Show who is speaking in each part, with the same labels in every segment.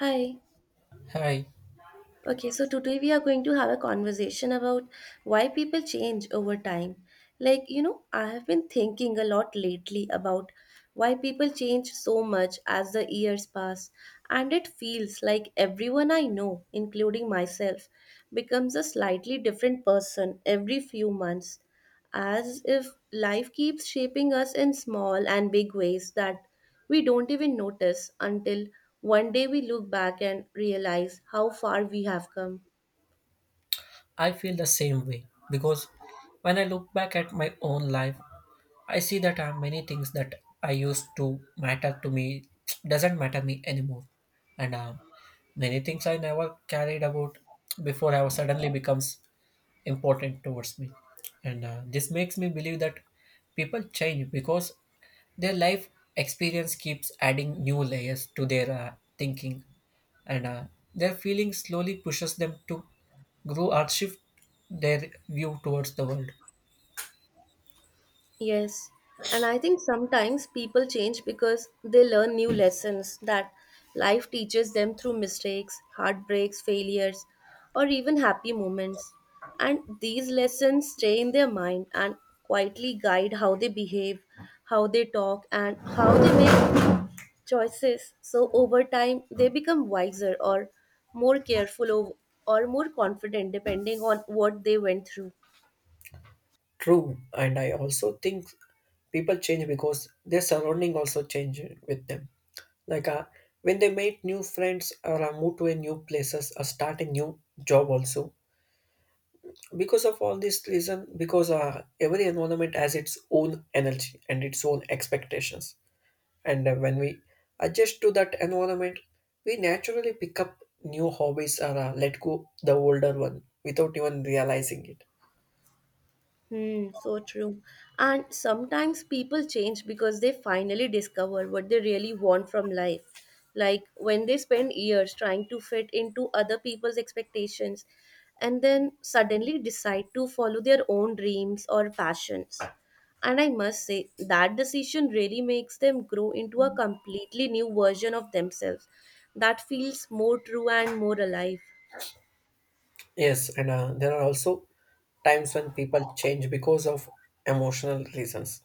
Speaker 1: Hi.
Speaker 2: Hi,
Speaker 1: Okay, so today we are going to have a conversation about why people change over time. Like, you know, I have been thinking a lot lately about why people change so much as the years pass, and it feels like everyone I know, including myself, becomes a slightly different person every few months as if life keeps shaping us in small and big ways that we don't even notice until one day we look back and realize how far we have come.
Speaker 2: I feel the same way because when I look back at my own life, I see that many things that I used to matter to me doesn't matter me anymore, and many things I never carried about before have suddenly becomes important towards me, and this makes me believe that people change because their life experience keeps adding new layers to their thinking, and their feeling slowly pushes them to grow or shift their view towards the world.
Speaker 1: Yes, and I think sometimes people change because they learn new lessons that life teaches them through mistakes, heartbreaks, failures, or even happy moments. And these lessons stay in their mind and quietly guide how they behave, how they talk, and how they make choices. So over time, they become wiser or more careful or more confident depending on what they went through.
Speaker 2: True, and I also think people change because their surrounding also change with them. Like when they meet new friends or move to a new places or start a new job also, because of all this reason because every environment has its own energy and its own expectations, and when we adjust to that environment we naturally pick up new hobbies or let go the older one without even realizing it.
Speaker 1: Hmm, so true. And sometimes people change because they finally discover what they really want from life. Like when they spend years trying to fit into other people's expectations and then suddenly decide to follow their own dreams or passions. And I must say, that decision really makes them grow into a completely new version of themselves that feels more true and more alive.
Speaker 2: Yes, and there are also times when people change because of emotional reasons,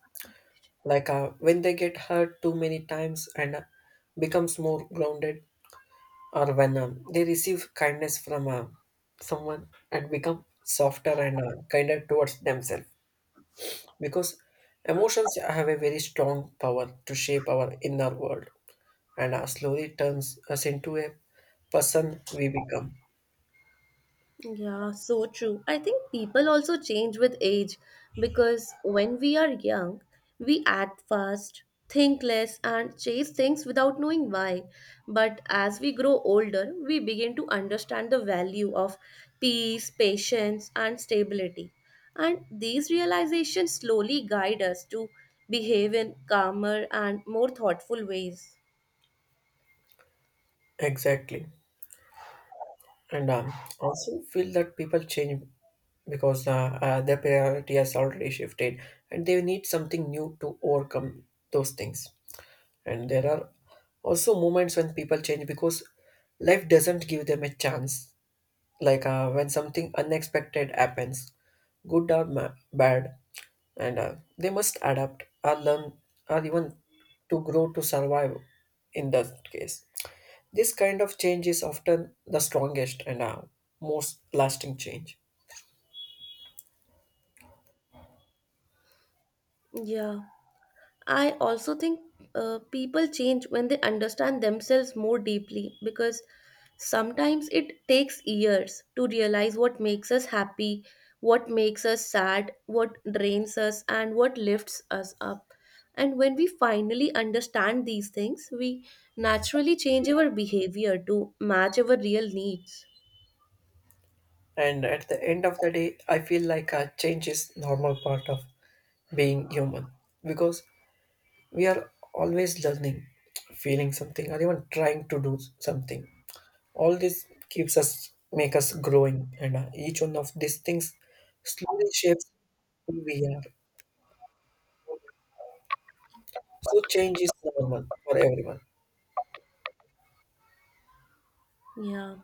Speaker 2: like when they get hurt too many times and becomes more grounded, or when they receive kindness from someone and become softer and kinder towards themselves, because emotions have a very strong power to shape our inner world and slowly turns us into a person we become.
Speaker 1: Yeah, so true. I think people also change with age because when we are young, we act fast, think less, and chase things without knowing why. But as we grow older, we begin to understand the value of peace, patience, and stability. And these realizations slowly guide us to behave in calmer and more thoughtful ways.
Speaker 2: Exactly, and also feel that people change because their priority has already shifted and they need something new to overcome those things. And there are also moments when people change because life doesn't give them a chance, like when something unexpected happens, good or bad, and they must adapt or learn or even to grow to survive. In that case, this kind of change is often the strongest and most lasting change.
Speaker 1: Yeah. I also think people change when they understand themselves more deeply because sometimes it takes years to realize what makes us happy, what makes us sad, what drains us, and what lifts us up. And when we finally understand these things, we naturally change our behavior to match our real needs.
Speaker 2: And at the end of the day I feel like a change is normal part of being human, because we are always learning, feeling something, or even trying to do something. All this keeps us, make us growing, and each one of these things slowly shapes who we are. So change is normal for everyone.
Speaker 1: Yeah.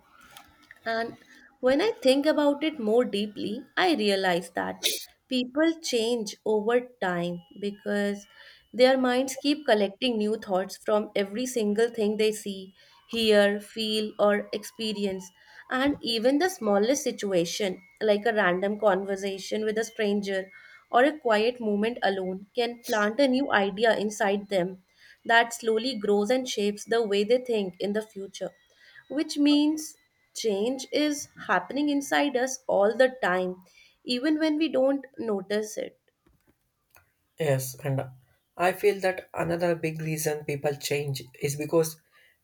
Speaker 1: And when I think about it more deeply, I realize that people change over time because their minds keep collecting new thoughts from every single thing they see, hear, feel, or experience. And even the smallest situation, like a random conversation with a stranger or a quiet moment alone, can plant a new idea inside them that slowly grows and shapes the way they think in the future, which means change is happening inside us all the time, even when we don't notice it.
Speaker 2: Yes, and I feel that another big reason people change is because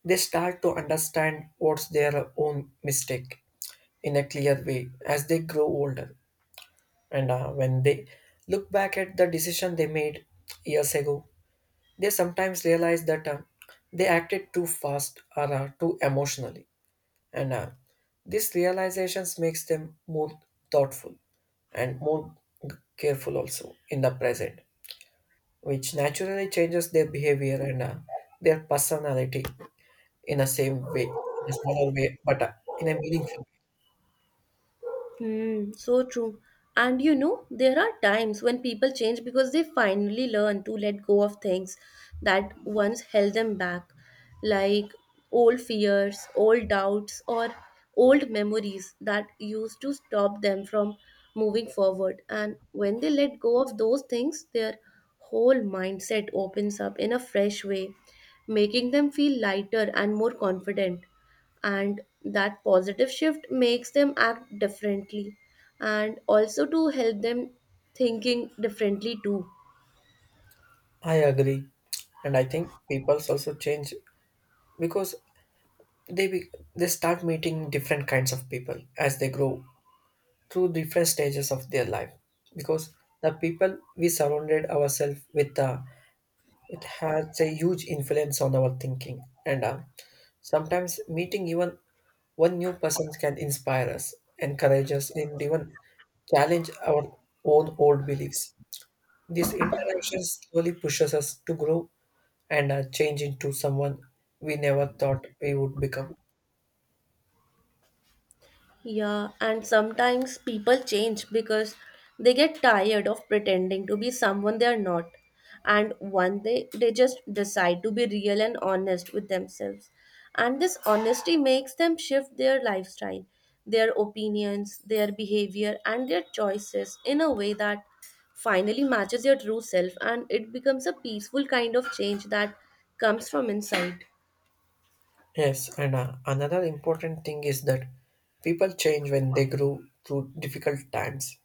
Speaker 2: they start to understand what's their own mistake in a clear way as they grow older, and when they look back at the decision they made years ago, they sometimes realize that they acted too fast or too emotionally, and these realizations makes them more thoughtful and more careful also in the present, which naturally changes their behavior and their personality in the same way, in a smaller way, but in a meaningful way.
Speaker 1: Hmm, so true. And you know, there are times when people change because they finally learn to let go of things that once held them back, like old fears, old doubts, or old memories that used to stop them from moving forward. And when they let go of those things, their whole mindset opens up in a fresh way, making them feel lighter and more confident, and that positive shift makes them act differently and also to help them thinking differently too.
Speaker 2: I agree, and I think people's also change because they be, they start meeting different kinds of people as they grow through different stages of their life, because the people we surrounded ourselves with it has a huge influence on our thinking, and sometimes meeting even one new person can inspire us, encourage us, and even challenge our own old beliefs. This interaction slowly pushes us to grow and change into someone we never thought we would become.
Speaker 1: Yeah, and sometimes people change because they get tired of pretending to be someone they are not. And one day they just decide to be real and honest with themselves. And this honesty makes them shift their lifestyle, their opinions, their behavior, and their choices in a way that finally matches your true self. And it becomes a peaceful kind of change that comes from inside.
Speaker 2: Yes, and another important thing is that people change when they grow through difficult times,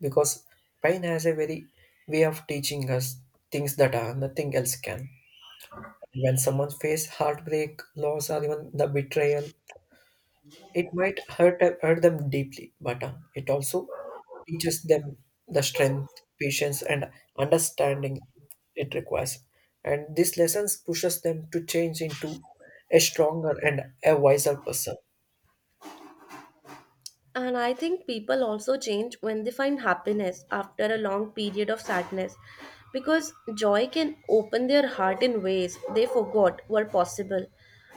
Speaker 2: because pain has a very way of teaching us things that are nothing else can. When someone faces heartbreak, loss, or even the betrayal, it might hurt them deeply, but it also teaches them the strength, patience, and understanding it requires. And these lessons pushes them to change into a stronger and a wiser person.
Speaker 1: And I think people also change when they find happiness after a long period of sadness because joy can open their heart in ways they forgot were possible.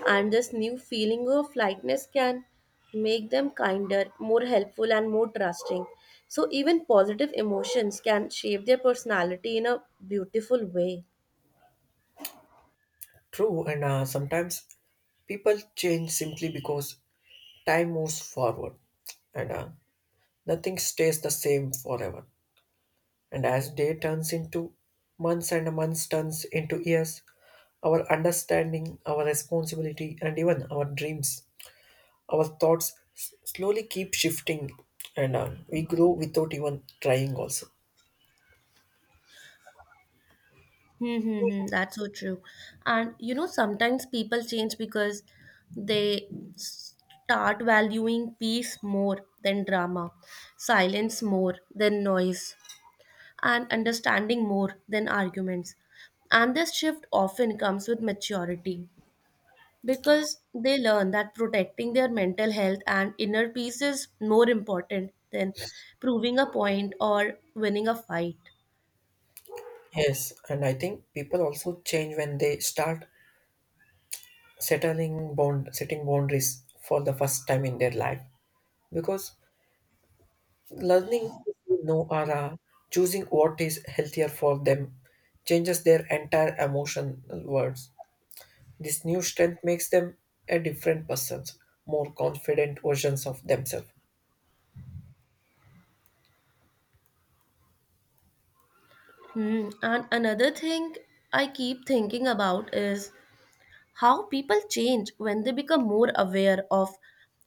Speaker 1: And this new feeling of lightness can make them kinder, more helpful, and more trusting. So, even positive emotions can shape their personality in a beautiful way.
Speaker 2: True, and sometimes people change simply because time moves forward and nothing stays the same forever. And as day turns into months and months turns into years, our understanding, our responsibility, and even our dreams, our thoughts slowly keep shifting, and we grow without even trying, also.
Speaker 1: Hmm, hmm, hmm. That's so true. And you know, sometimes people change because they start valuing peace more than drama, silence more than noise, and understanding more than arguments. And this shift often comes with maturity because they learn that protecting their mental health and inner peace is more important than proving a point or winning a fight.
Speaker 2: Yes, and I think people also change when they start settling bound setting boundaries for the first time in their life, because learning to say no or choosing what is healthier for them changes their entire emotional worlds. This new strength makes them a different person, more confident versions of themselves.
Speaker 1: Hmm. And another thing I keep thinking about is how people change when they become more aware of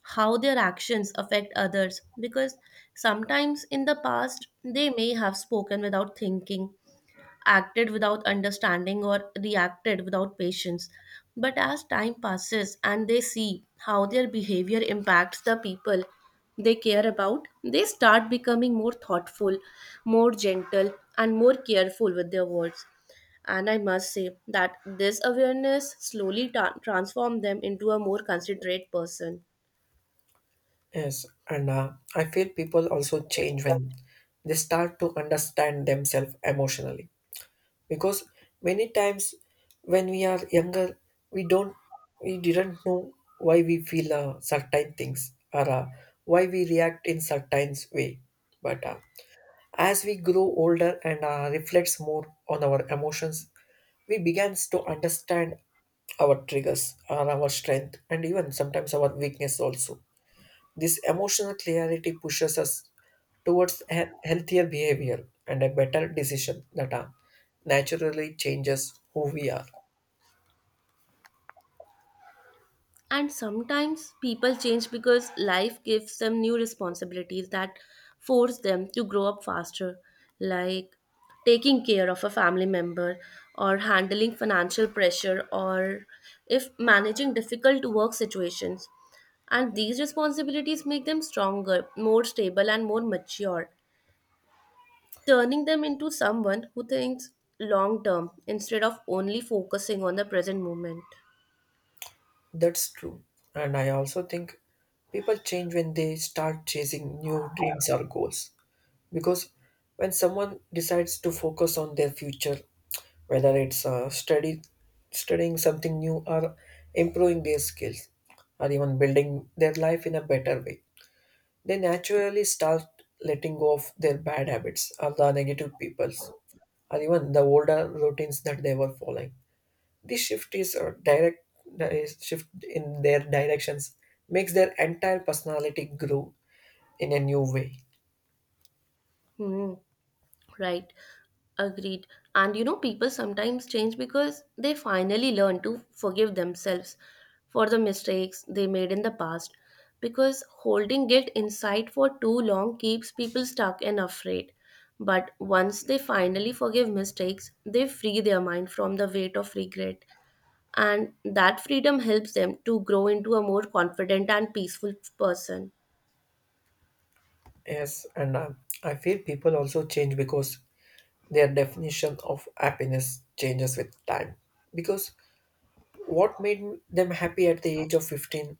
Speaker 1: how their actions affect others. Because sometimes in the past, they may have spoken without thinking, acted without understanding, or reacted without patience. But as time passes and they see how their behavior impacts the people they care about, they start becoming more thoughtful, more gentle, and more careful with their words. And I must say that this awareness slowly transforms them into a more considerate person.
Speaker 2: Yes, and I feel people also change when they start to understand themselves emotionally, because many times when we are younger we don't we didn't know why we feel certain things or why we react in certain way. But as we grow older and reflects more on our emotions, we begins to understand our triggers or our strength, and even sometimes our weakness also. This emotional clarity pushes us towards a healthier behavior and a better decision that are naturally changes who we are.
Speaker 1: And sometimes people change because life gives them new responsibilities that force them to grow up faster, like taking care of a family member, or handling financial pressure, or if managing difficult work situations. And these responsibilities make them stronger, more stable, and more mature, turning them into someone who thinks long term instead of only focusing on the present moment.
Speaker 2: That's true. And I also think people change when they start chasing new dreams or goals. Because when someone decides to focus on their future, whether it's studying something new or improving their skills or even building their life in a better way, they naturally start letting go of their bad habits or the negative peoples or even the older routines that they were following. This shift is a direct is shift in their directions makes their entire personality grow in a new way.
Speaker 1: Hmm. Right, agreed. And you know, people sometimes change because they finally learn to forgive themselves for the mistakes they made in the past. Because holding guilt inside for too long keeps people stuck and afraid. But once they finally forgive mistakes, they free their mind from the weight of regret. And that freedom helps them to grow into a more confident and peaceful person.
Speaker 2: Yes, and I feel people also change because their definition of happiness changes with time. Because what made them happy at the age of 15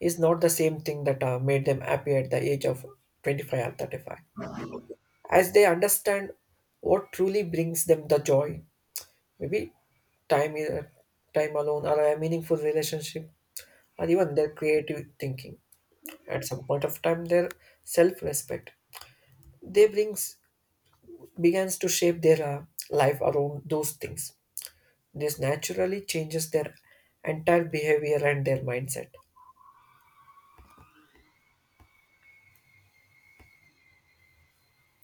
Speaker 2: is not the same thing that made them happy at the age of 25 or 35, as they understand what truly brings them the joy. Maybe time, time alone, or a meaningful relationship, or even their creative thinking. At some point of time, their self-respect they brings begins to shape their life around those things. This naturally changes their entire behavior and their mindset.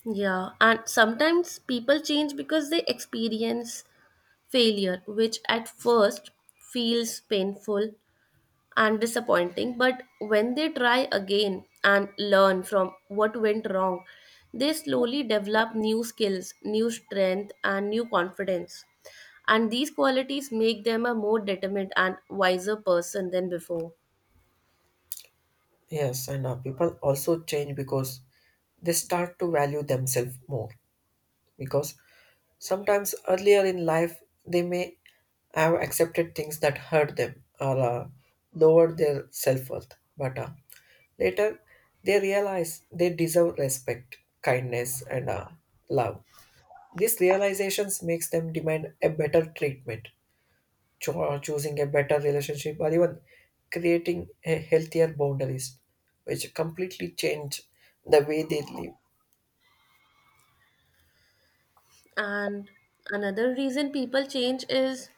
Speaker 1: Yeah, and sometimes people change because they experience failure, which at first feels painful and disappointing, but when they try again and learn from what went wrong, they slowly develop new skills, new strength, and new confidence. And these qualities make them a more determined and wiser person than before.
Speaker 2: Yes, and people also change because they start to value themselves more, because sometimes earlier in life, they may have accepted things that hurt them or lowered their self worth, but later they realize they deserve respect, kindness, and love. These realizations makes them demand a better treatment, choosing a better relationship, or even creating a healthier boundaries, which completely change the way they live.
Speaker 1: And another reason people change is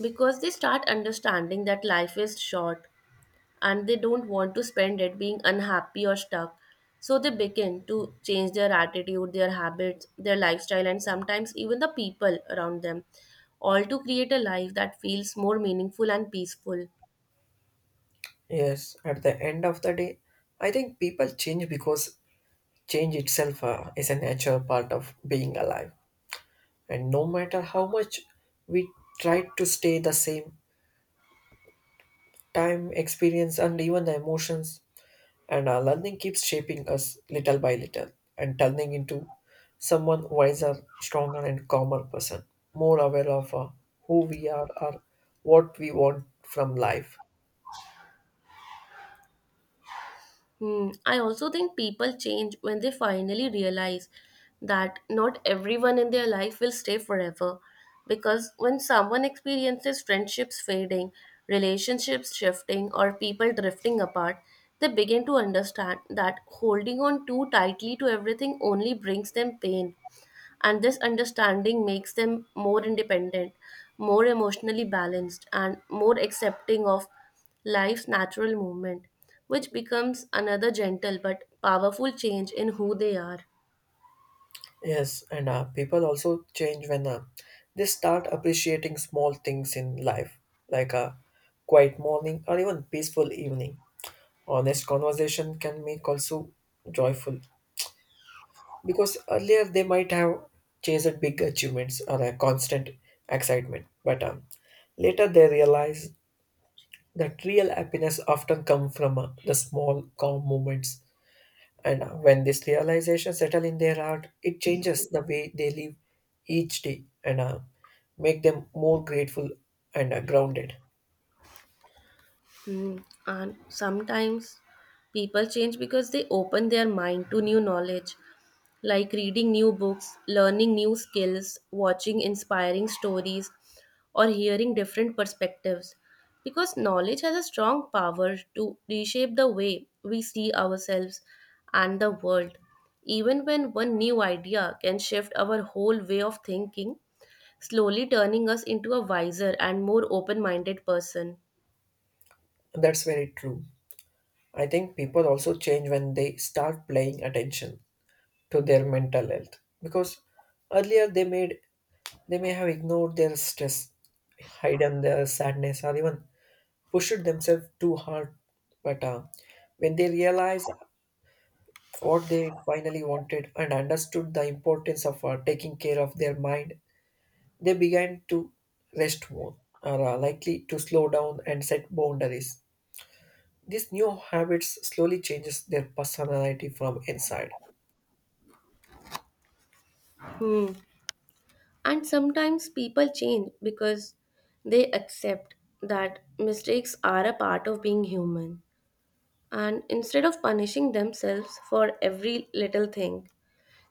Speaker 1: because they start understanding that life is short and they don't want to spend it being unhappy or stuck. So they begin to change their attitude, their habits, their lifestyle, and sometimes even the people around them, all to create a life that feels more meaningful and peaceful.
Speaker 2: Yes, at the end of the day, I think people change because change itself is a natural part of being alive. And no matter how much we try to stay the same, time, experience, and even the emotions and our learning keeps shaping us little by little and turning into someone wiser, stronger, and calmer person, more aware of who we are or what we want from life.
Speaker 1: Hmm. I also think people change when they finally realize that not everyone in their life will stay forever. Because when someone experiences friendships fading, relationships shifting, or people drifting apart, they begin to understand that holding on too tightly to everything only brings them pain. And this understanding makes them more independent, more emotionally balanced, and more accepting of life's natural movement, which becomes another gentle but powerful change in who they are.
Speaker 2: Yes, and people also change when they start appreciating small things in life, like a quiet morning or even peaceful evening. Honest conversation can make also joyful, because earlier they might have chased big achievements or a constant excitement, but later they realize that real happiness often come from the small calm moments, and when this realization settle in their heart, it changes the way they live each day, and make them more grateful and grounded.
Speaker 1: Hmm. And sometimes people change because they open their mind to new knowledge, like reading new books, learning new skills, watching inspiring stories, or hearing different perspectives. Because knowledge has a strong power to reshape the way we see ourselves and the world. Even when one new idea can shift our whole way of thinking, slowly turning us into a wiser and more open minded person.
Speaker 2: That's very true. I think people also change when they start paying attention to their mental health, because earlier they may have ignored their stress, hidden their sadness, or even pushed themselves too hard. But when they realize what they finally wanted and understood the importance of taking care of their mind, they began to rest more, are likely to slow down and set boundaries. These new habits slowly changes their personality from inside.
Speaker 1: Hmm. And sometimes people change because they accept that mistakes are a part of being human. And instead of punishing themselves for every little thing,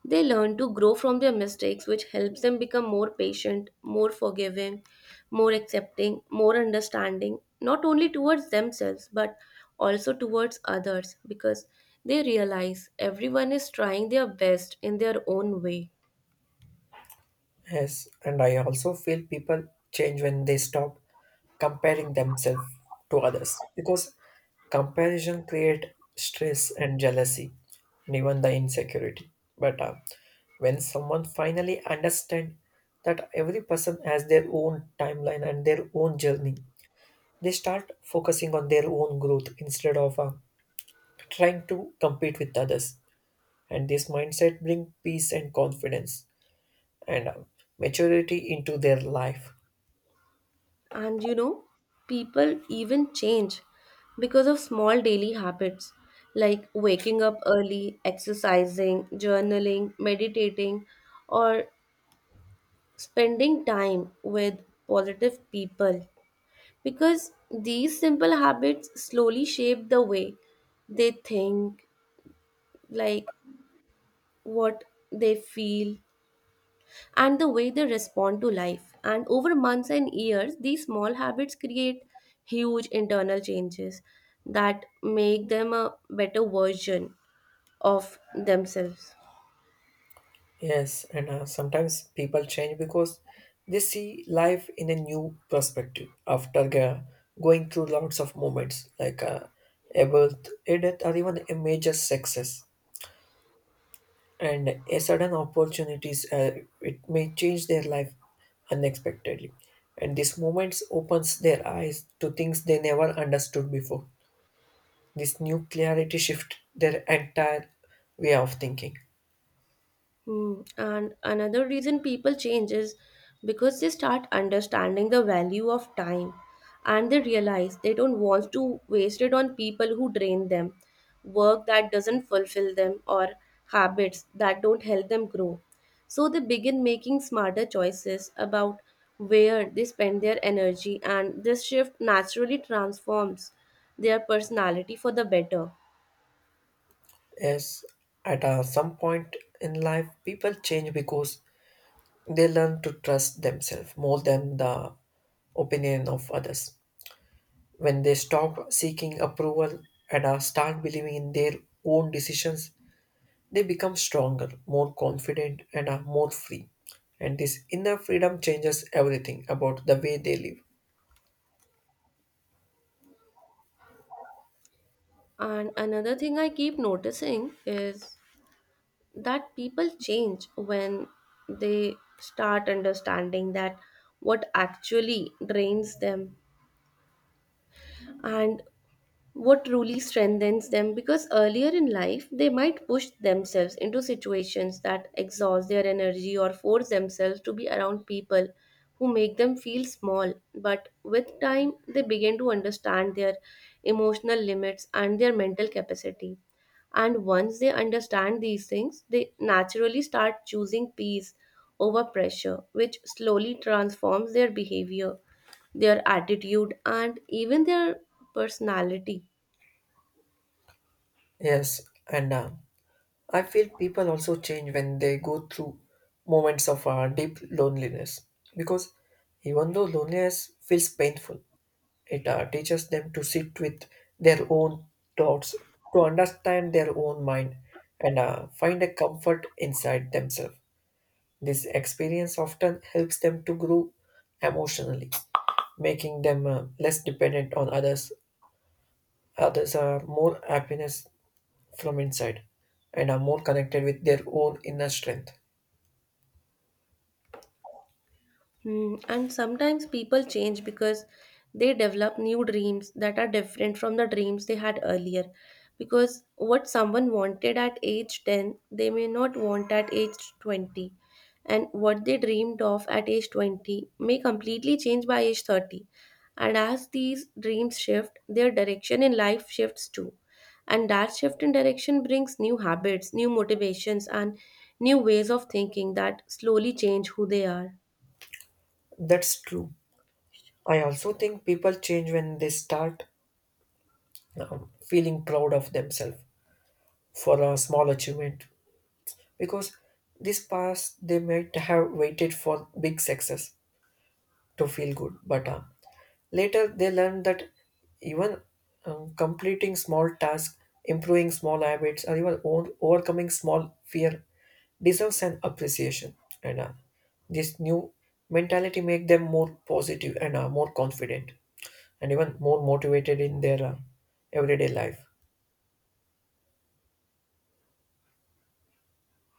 Speaker 1: they learn to grow from their mistakes, which helps them become more patient, more forgiving, more accepting, more understanding, not only towards themselves, but also towards others, because they realize everyone is trying their best in their own way.
Speaker 2: Yes, and I also feel people change when they stop comparing themselves to others, because comparison creates stress and jealousy and even the insecurity. But when someone finally understands that every person has their own timeline and their own journey, they start focusing on their own growth instead of trying to compete with others. And this mindset brings peace and confidence and maturity into their life.
Speaker 1: And you know, people even change because of small daily habits like waking up early, exercising, journaling, meditating, or spending time with positive people. Because these simple habits slowly shape the way they think, like what they feel, and the way they respond to life. And over months and years, these small habits create huge internal changes that make them a better version of themselves.
Speaker 2: Yes, and sometimes people change because they see life in a new perspective after going through lots of moments like a birth, a death, or even a major success. And a sudden opportunities, it may change their life unexpectedly. And these moments opens their eyes to things they never understood before. This new clarity shift their entire way of thinking.
Speaker 1: Hmm. And another reason people change is because they start understanding the value of time and they realize they don't want to waste it on people who drain them, work that doesn't fulfill them, or habits that don't help them grow. So they begin making smarter choices about where they spend their energy, and this shift naturally transforms their personality for the better.
Speaker 2: Yes, at some point in life, people change because they learn to trust themselves more than the opinion of others. When they stop seeking approval and start believing in their own decisions, they become stronger, more confident, and are more free. And this inner freedom changes everything about the way they live.
Speaker 1: And another thing I keep noticing is that people change when they start understanding that what actually drains them and what truly strengthens them, because earlier in life they might push themselves into situations that exhaust their energy or force themselves to be around people who make them feel small. But with time they begin to understand their emotional limits and their mental capacity, and once they understand these things they naturally start choosing peace over pressure, which slowly transforms their behavior, their attitude, and even their personality.
Speaker 2: Yes, and I feel people also change when they go through moments of deep loneliness because even though loneliness feels painful, it teaches them to sit with their own thoughts, to understand their own mind, and find a comfort inside themselves. This experience often helps them to grow emotionally, making them less dependent on others. Others are more happiness from inside and are more connected with their own inner strength.
Speaker 1: Hmm. And sometimes people change because they develop new dreams that are different from the dreams they had earlier. Because what someone wanted at age 10, they may not want at age 20. And what they dreamed of at age 20 may completely change by age 30. And as these dreams shift, their direction in life shifts too. And that shift in direction brings new habits, new motivations, and new ways of thinking that slowly change who they are.
Speaker 2: That's true. I also think people change when they start feeling proud of themselves for a small achievement because this past they might have waited for big success to feel good, but later they learn that even completing small tasks, improving small habits, or even overcoming small fear deserves an appreciation. And This new mentality make them more positive and more confident, and even more motivated in their everyday life.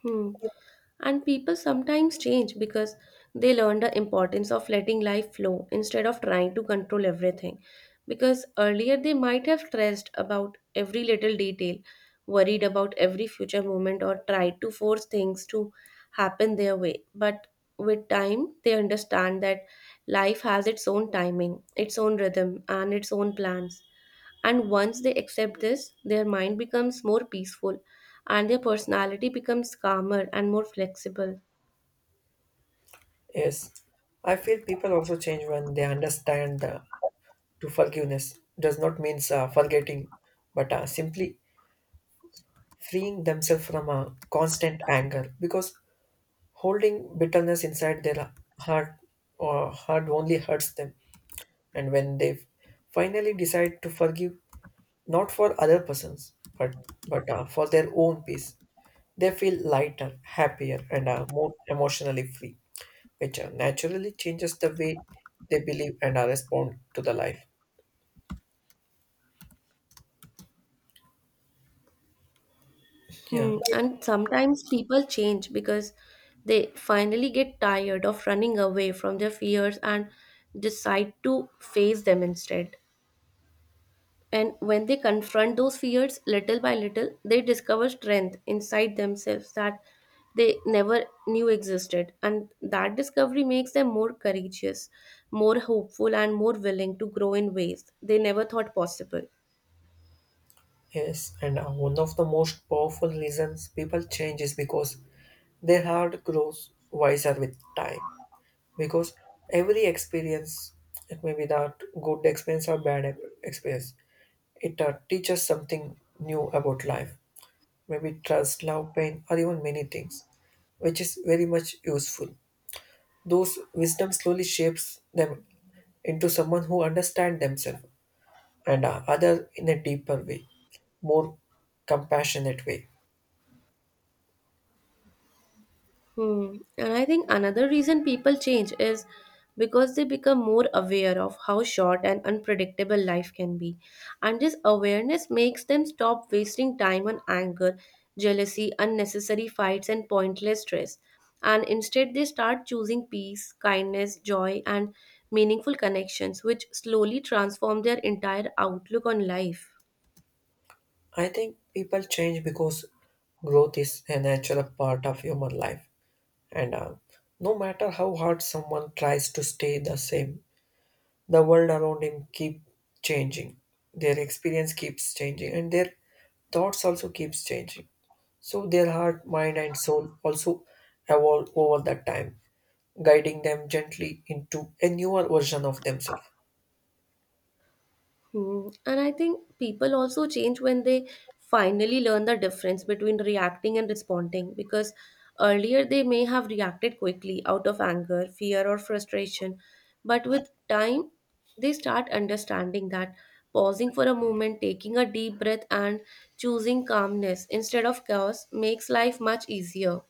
Speaker 1: Hmm. And people sometimes change because they learn the importance of letting life flow instead of trying to control everything. Because earlier they might have stressed about every little detail, worried about every future moment, or tried to force things to happen their way. But with time, they understand that life has its own timing, its own rhythm, and its own plans. And once they accept this, their mind becomes more peaceful and their personality becomes calmer and more flexible.
Speaker 2: Yes, I feel people also change when they understand to forgiveness does not mean forgetting, but simply freeing themselves from a constant anger because holding bitterness inside their heart or heart only hurts them. And when they finally decide to forgive, not for other persons, but for their own peace, they feel lighter, happier, and more emotionally free, which naturally changes the way they believe and are respond to the life. Yeah,
Speaker 1: Hmm. And sometimes people change because they finally get tired of running away from their fears and decide to face them instead. And when they confront those fears little by little, they discover strength inside themselves that they never knew existed. And that discovery makes them more courageous, more hopeful, and more willing to grow in ways they never thought possible.
Speaker 2: yes, and one of the most powerful reasons people change is because their heart grows wiser with time. Because every experience, it may be that good experience or experience, it teaches something new about life. Maybe trust, love, pain, or even many things, which is very much useful. Those wisdom slowly shapes them into someone who understands themselves and other in a deeper way, more compassionate way.
Speaker 1: Hmm. And I think another reason people change is because they become more aware of how short and unpredictable life can be. And this awareness makes them stop wasting time on anger, jealousy, unnecessary fights, and pointless stress. And instead, they start choosing peace, kindness, joy, and meaningful connections, which slowly transform their entire outlook on life.
Speaker 2: I think people change because growth is a natural part of human life, and no matter how hard someone tries to stay the same, the world around him keep changing. Their experience keeps changing, and their thoughts also keeps changing so their heart mind and soul also evolve over that time guiding them gently into a newer version of themselves.
Speaker 1: Hmm. And I think people also change when they finally learn the difference between reacting and responding because earlier they may have reacted quickly out of anger, fear, or frustration. But with time, they start understanding that pausing for a moment, taking a deep breath, and choosing calmness instead of chaos makes life much easier,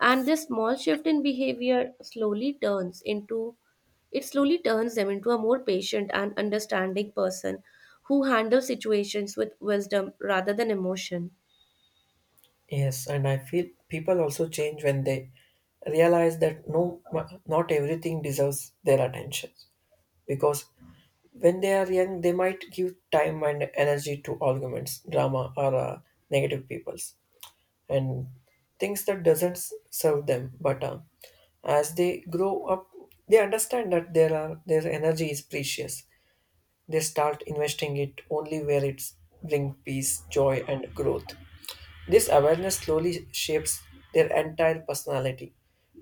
Speaker 1: and this small shift in behavior slowly turns into, it slowly turns them into a more patient and understanding person who handles situations with wisdom rather than emotion.
Speaker 2: Yes, and I feel people also change when they realize that no, not everything deserves their attention. Because when they are young, they might give time and energy to arguments, drama, or negative peoples, and things that doesn't serve them. But as they grow up, they understand that there are their energy is precious, they start investing it only where it's bring peace, joy, and growth. This awareness slowly shapes their entire personality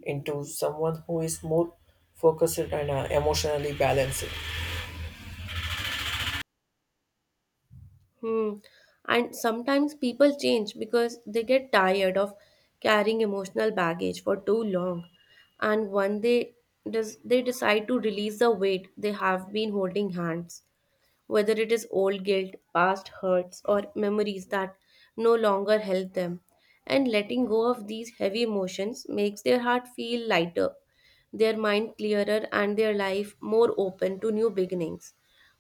Speaker 2: into someone who is more focused and emotionally balanced.
Speaker 1: Hmm. And sometimes people change because they get tired of carrying emotional baggage for too long, and one day they decide to release the weight they have been holding hands, whether it is old guilt, past hurts, or memories that no longer help them. And letting go of these heavy emotions makes their heart feel lighter, their mind clearer, and their life more open to new beginnings,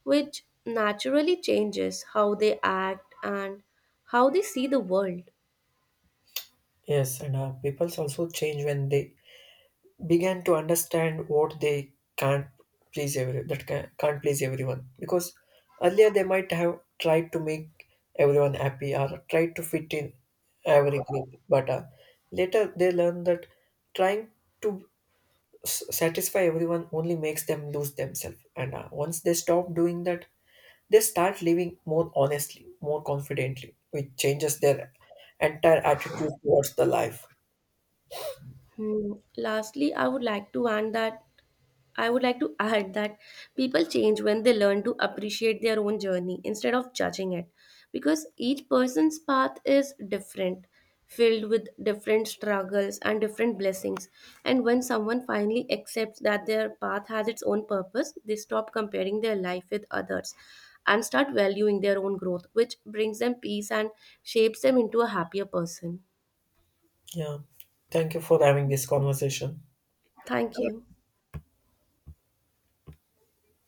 Speaker 1: which naturally changes how they act and how they see the world.
Speaker 2: Yes, and people also change when they began to understand what they can't please can't please everyone because earlier they might have tried to make everyone happy or tried to fit in every group but later they learn that trying to satisfy everyone only makes them lose themselves, and once they stop doing that they start living more honestly, more confidently, which changes their entire attitude towards the life.
Speaker 1: Hmm. Lastly, I would like to add that I would like to add that people change when they learn to appreciate their own journey instead of judging it because each person's path is different, filled with different struggles and different blessings. And when someone finally accepts that their path has its own purpose, they stop comparing their life with others and start valuing their own growth, which brings them peace and shapes them into a happier person.
Speaker 2: Yeah, thank you for having this conversation.
Speaker 1: Thank you.